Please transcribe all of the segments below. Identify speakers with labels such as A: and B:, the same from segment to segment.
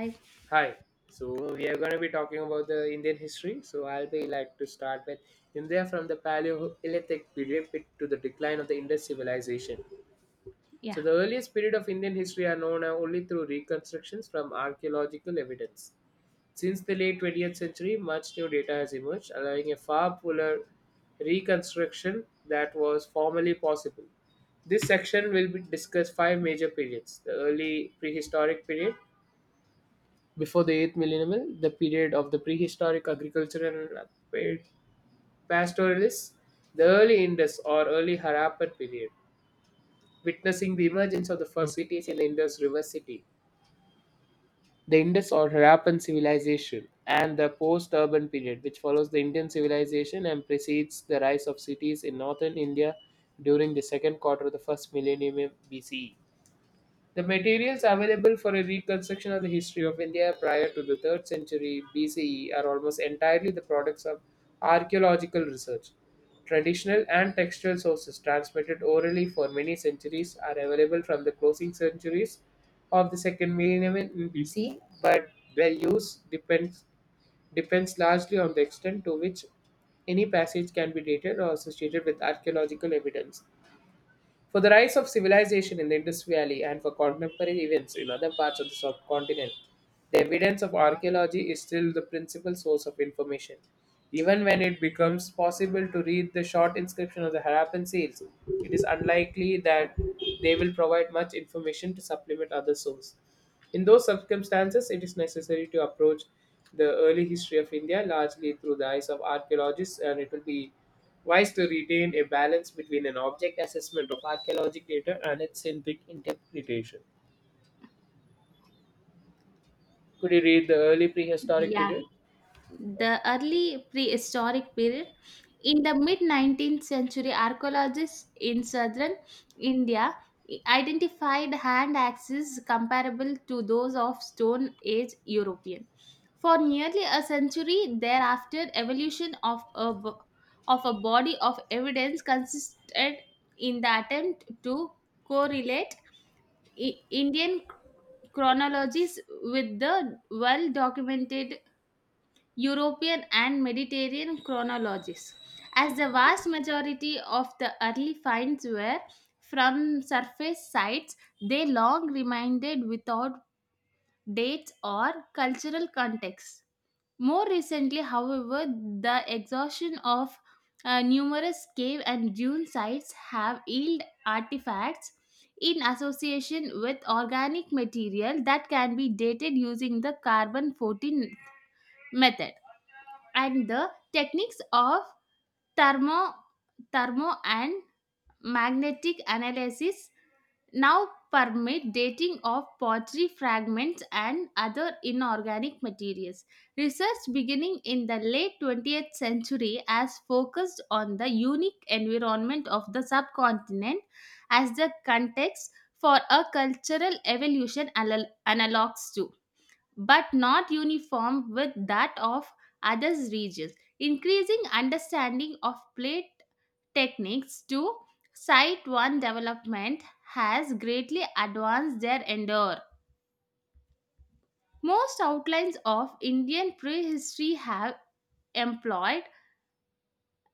A: I,
B: Hi. So we are going to be talking about the Indian history. So I'll be like to start with India from the Paleolithic period to the decline of the Indus civilization.
A: yeah.
B: So the earliest period of Indian history are known only through reconstructions from archaeological evidence. Since the late 20th century, much new data has emerged, allowing a far fuller reconstruction that was formerly possible. This section will be discuss five major periods: the early prehistoric period, before the 8th millennium, the period of the prehistoric agricultural and pastoralists, the early Indus or early Harappan period, witnessing the emergence of the first cities in the Indus River City, the Indus or Harappan civilization, and the post urban period, which follows the Indian civilization and precedes the rise of cities in northern India during the second quarter of the first millennium BCE. The materials available for a reconstruction of the history of India prior to the 3rd century BCE are almost entirely the products of archaeological research. Traditional and textual sources transmitted orally for many centuries are available from the closing centuries of the second millennium in BC, but their use depends largely on the extent to which any passage can be dated or associated with archaeological evidence for the rise of civilization in the Indus Valley and for contemporary events in other parts of the subcontinent. The evidence of archaeology is still the principal source of information. Even when it becomes possible to read the short inscription of the Harappan seals, it is unlikely that they will provide much information to supplement other sources. In those circumstances, it is necessary to approach the early history of India largely through the eyes of archaeologists, and it will be wise to retain a balance between an object assessment of archaeologic data and its scientific interpretation. Could you read the early prehistoric
A: Yeah,
B: period? Okay.
A: the early prehistoric period. In the mid 19th century, archaeologists in southern India identified hand axes comparable to those of Stone Age European. For nearly a century thereafter, evolution of a body of evidence consisted in the attempt to correlate Indian chronologies with the well documented European and Mediterranean chronologies, as the vast majority of the early finds were from surface sites, they long remained without dates or cultural context. More recently, however, the exhaustion of numerous cave and dune sites have yielded artifacts in association with organic material that can be dated using the carbon 14 method, and the techniques of thermo, thermo and magnetic analysis now permit dating of pottery fragments and other inorganic materials. Research beginning in the late 20th century has focused on the unique environment of the subcontinent as the context for a cultural evolution analogs to but not uniform with that of other regions. Increasing understanding of plate techniques to site one development has greatly advanced their endeavor. Most outlines of Indian prehistory have employed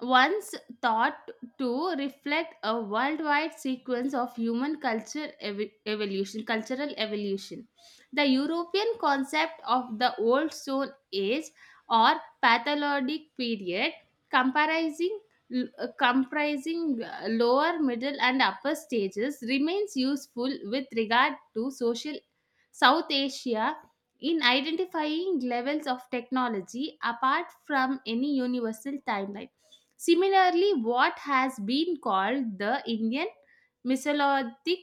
A: once thought to reflect a worldwide sequence of human culture evolution cultural evolution, the European concept of the Old Stone Age or pathologic period comprising lower middle and upper stages remains useful with regard to social South Asia in identifying levels of technology apart from any universal timeline. Similarly, what has been called the Indian Mesolithic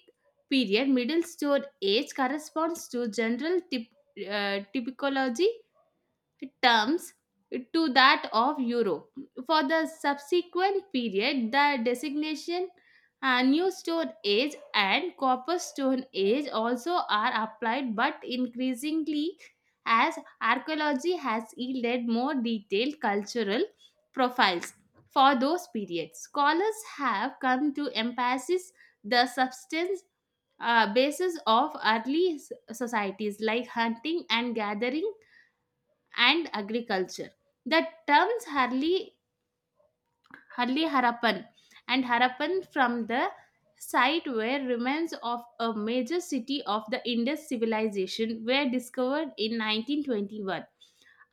A: period, Middle Stone Age, corresponds to general typology terms to that of Euro. For the subsequent period, the designation New Stone Age and Copper Stone Age also are applied, but increasingly, as archaeology has yielded more detailed cultural profiles for those periods, scholars have come to emphasize the substance basis of early societies like hunting and gathering and agriculture. The terms Harli, Harli Harappan and Harappan, from the site where remains of a major city of the Indus civilization were discovered in 1921,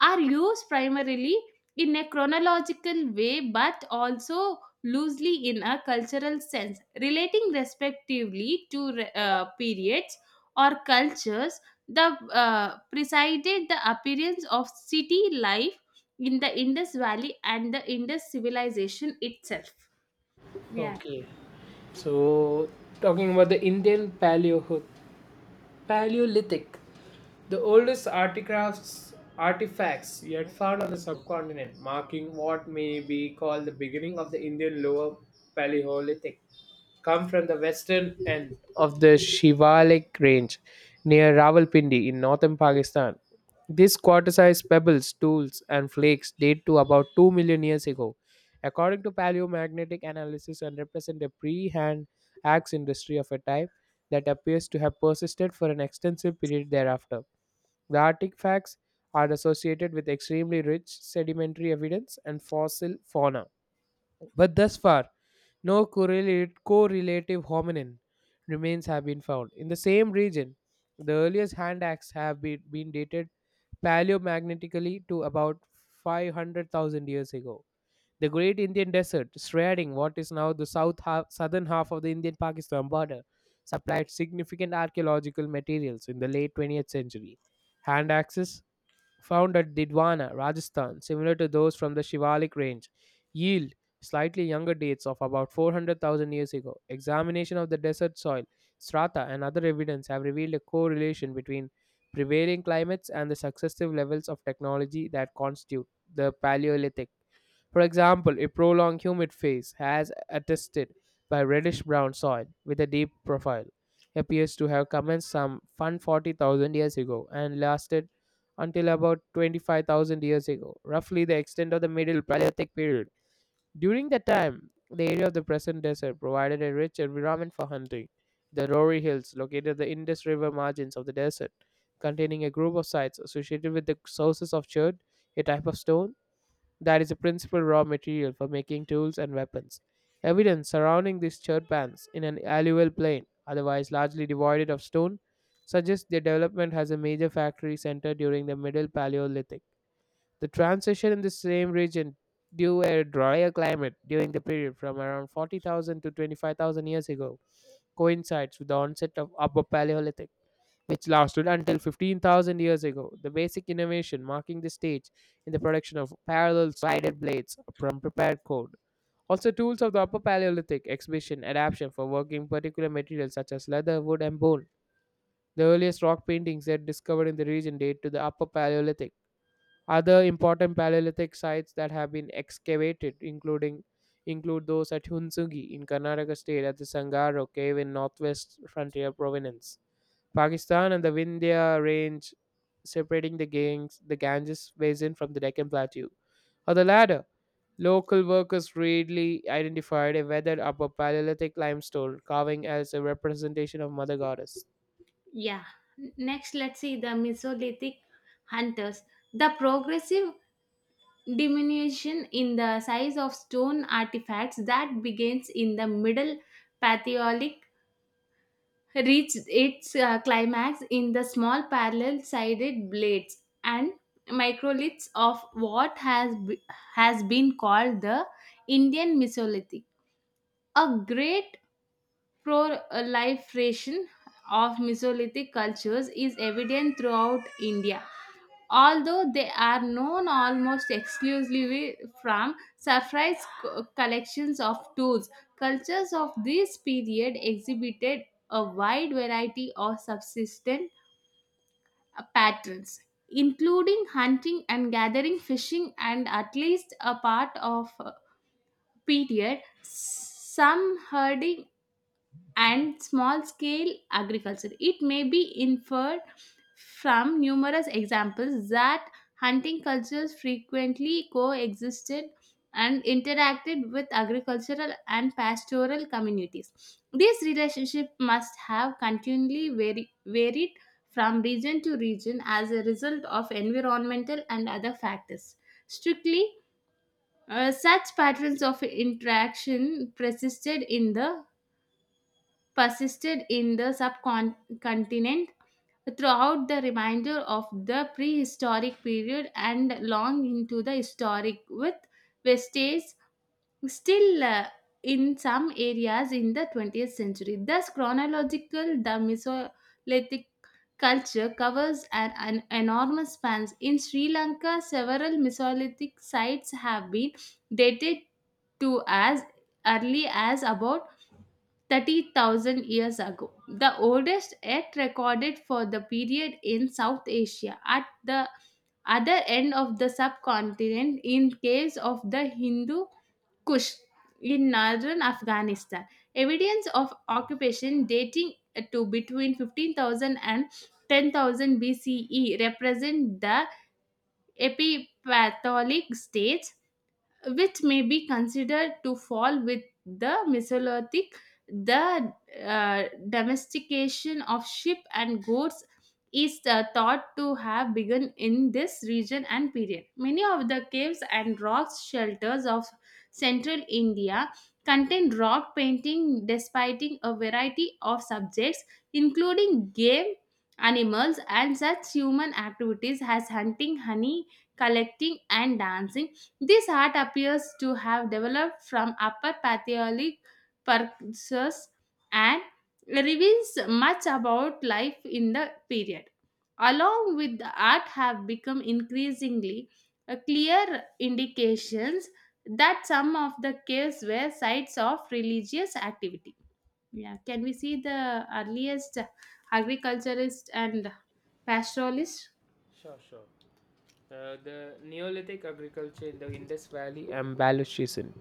A: are used primarily in a chronological way but also loosely in a cultural sense, relating respectively to periods or cultures that presided the appearance of city life in the Indus Valley and the Indus civilization itself. Yeah.
B: Okay. So, talking about the Indian Paleolithic, the oldest artifacts yet found on the subcontinent, marking what may be called the beginning of the Indian Lower Paleolithic come from the western end of the Shivalik range near Rawalpindi in northern Pakistan. These quarter sized pebbles, tools, and flakes date to about 2 million years ago, according to paleomagnetic analysis, and represent a pre hand axe industry of a type that appears to have persisted for an extensive period thereafter. The artifacts are associated with extremely rich sedimentary evidence and fossil fauna. But thus far, no correlative hominin remains have been found. In the same region, the earliest hand axes have been dated paleomagnetically to about 500,000 years ago. The Great Indian Desert, shredding what is now the southern half of the Indian Pakistan border, supplied significant archaeological materials in the late 20th century. Hand axes found at Didwana, Rajasthan, similar to those from the Shivalik range, yield slightly younger dates of about 400,000 years ago. Examination of the desert soil, strata, and other evidence have revealed a correlation between prevailing climates and the successive levels of technology that constitute the Paleolithic. For example, a prolonged humid phase, as attested by reddish brown soil with a deep profile, appears to have commenced some 140,000 years ago and lasted until about 25,000 years ago, roughly the extent of the Middle Paleolithic period. During that time, the area of the present desert provided a rich environment for hunting. The Rory Hills, located at the Indus River margins of the desert, containing a group of sites associated with the sources of chert, a type of stone, that is the principal raw material for making tools and weapons. Evidence surrounding these churbands in an alluvial plain, otherwise largely devoid of stone, suggests their development as a major factory center during the Middle Paleolithic. The transition in the same region due a drier climate during the period from around 40,000 to 25,000 years ago coincides with the onset of Upper Paleolithic which lasted until 15,000 years ago. The basic innovation marking the stage in the production of parallel sided blades from prepared cord. Also, tools of the Upper Paleolithic exhibition adaptation for working particular materials such as leather, wood, and bone. The earliest rock paintings yet discovered in the region date to the Upper Paleolithic. Other important Paleolithic sites that have been excavated, including include those at Hunsugi in Karnataka state at the Sangaro cave in northwest frontier province. Pakistan and the Vindhya range separating the the Ganges basin from the Deccan Plateau. On the latter, local workers readily identified a weathered upper Paleolithic limestone carving as a representation of Mother Goddess.
A: Yeah. Next, let's see the Mesolithic hunters. The progressive diminution in the size of stone artifacts that begins in the middle Paleolithic reached its climax in the small parallel-sided blades and microliths of what has been called the Indian Mesolithic. A great proliferation of Mesolithic cultures is evident throughout India, although they are known almost exclusively from surprise collections of tools. Cultures of this period exhibited a wide variety of subsistence patterns, including hunting and gathering, fishing, and at least a part of period, some herding and small scale agriculture. It may be inferred from numerous examples that hunting cultures frequently coexisted and interacted with agricultural and pastoral communities. This relationship must have continually varied from region to region as a result of environmental and other factors. Strictly, such patterns of interaction persisted in the subcontinent throughout the remainder of the prehistoric period and long into the historic, with vestiges still in some areas in the 20th century. Thus, chronological the Mesolithic culture covers an enormous span. In Sri Lanka, several Mesolithic sites have been dated to as early as about 30,000 years ago, the oldest yet recorded for the period in South Asia, at the other end of the subcontinent in caves of the Hindu Kush in northern Afghanistan. Evidence of occupation dating to between fifteen thousand and ten thousand BCE represent the epipatholic stage, which may be considered to fall with the Mesolithic. The uh, domestication of sheep and goats is thought to have begun in this region and period. Many of the caves and rocks shelters of central India contain rock painting depicting a variety of subjects, including game, animals, and such human activities as hunting, honey collecting, and dancing. This art appears to have developed from Upper Paleolithic purchasers and reveals much about life in the period. Along with the art have become increasingly clear indications that some of the caves were sites of religious activity. Yeah, can we see the earliest agriculturist and pastoralist?
B: Sure, sure. The Neolithic agriculture in the Indus Valley and Baluchistan,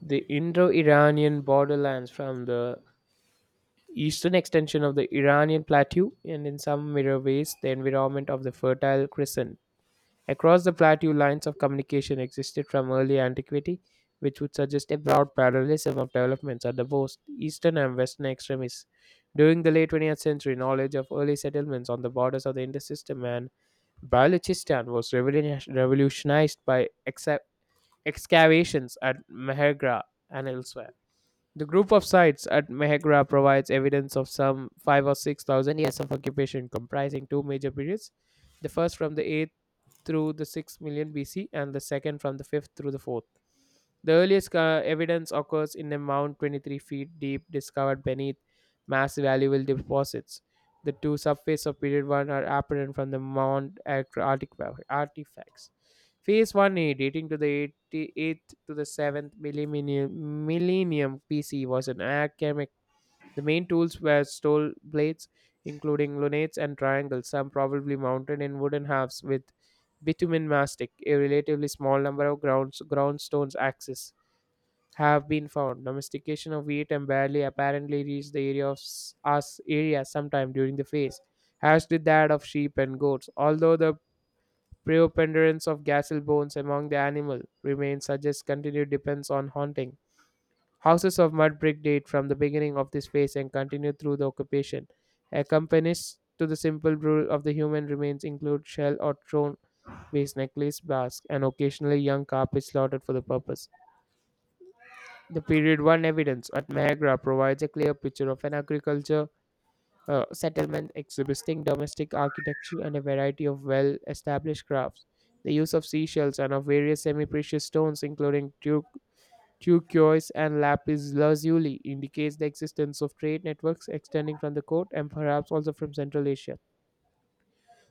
B: the Indo Iranian borderlands from the eastern extension of the Iranian plateau, and in some mirror ways, the environment of the Fertile Crescent. Across the plateau, lines of communication existed from early antiquity, which would suggest a broad parallelism of developments at the both eastern and western extremes. During the late 20th century, knowledge of early settlements on the borders of the Indus system and Balochistan was revolutionized by excavations at Mehrgarh and elsewhere. The group of sites at Mehrgarh provides evidence of some 5 or 6,000 years of occupation comprising two major periods, the first from the 8th through the 6th million BC and the second from the 5th through the 4th. The earliest evidence occurs in a mound 23 feet deep discovered beneath massive valuable deposits. The two subphases of Period 1 are apparent from the Mount Ectra artifacts. Phase 1a, dating to the 80 8th to the 7th millennium BC, was an alchemic. The main tools were steel blades, including lunettes and triangles, some probably mounted in wooden halves with bitumen mastic, a relatively small number of groundstones axis have been found. Domestication of wheat barley apparently reached the area of s- us area sometime during the phase, as did that of sheep and goats. Although the preponderance of gazelle bones among the animal remains suggests continued depends on hunting. Houses of mud brick date from the beginning of this phase and continue through the occupation. Accompanist to the simple rule of the human remains include shell or stone based necklace, basque, and occasionally young carpet slaughtered for the purpose. The period one evidence at Niagara provides a clear picture of an agriculture settlement exhibiting domestic architecture and a variety of well established crafts. The use of seashells and of various semi precious stones, including turquoise and lapis lazuli, indicates the existence of trade networks extending from the coast and perhaps also from Central Asia.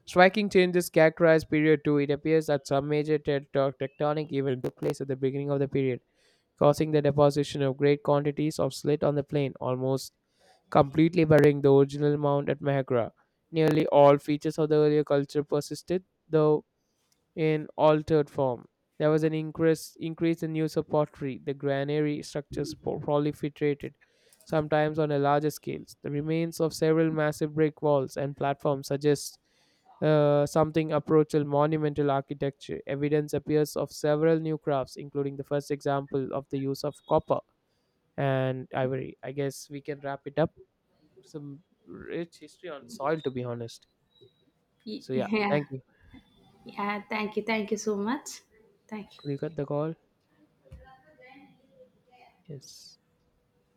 B: Striking changes characterize period 2. It appears that some major tectonic event took place at the beginning of the period causing the deposition of great quantities of slate on the plain, almost completely burying the original mound at Niagara. Nearly all features of the earlier culture persisted, though in altered form. There was an increase in use of pottery. The granary structures proliferated, sometimes on a larger scale. The remains of several massive brick walls and platforms suggest something approaching monumental architecture. Evidence appears of several new crafts, including the first example of the use of copper and ivory. I guess we can wrap it up. Some rich history on soil, to be honest.
A: Y-
B: So, yeah,
A: Yeah,
B: thank you.
A: yeah. Thank you, so much. Thank
B: Could you
A: you.
B: cut the call? Yes.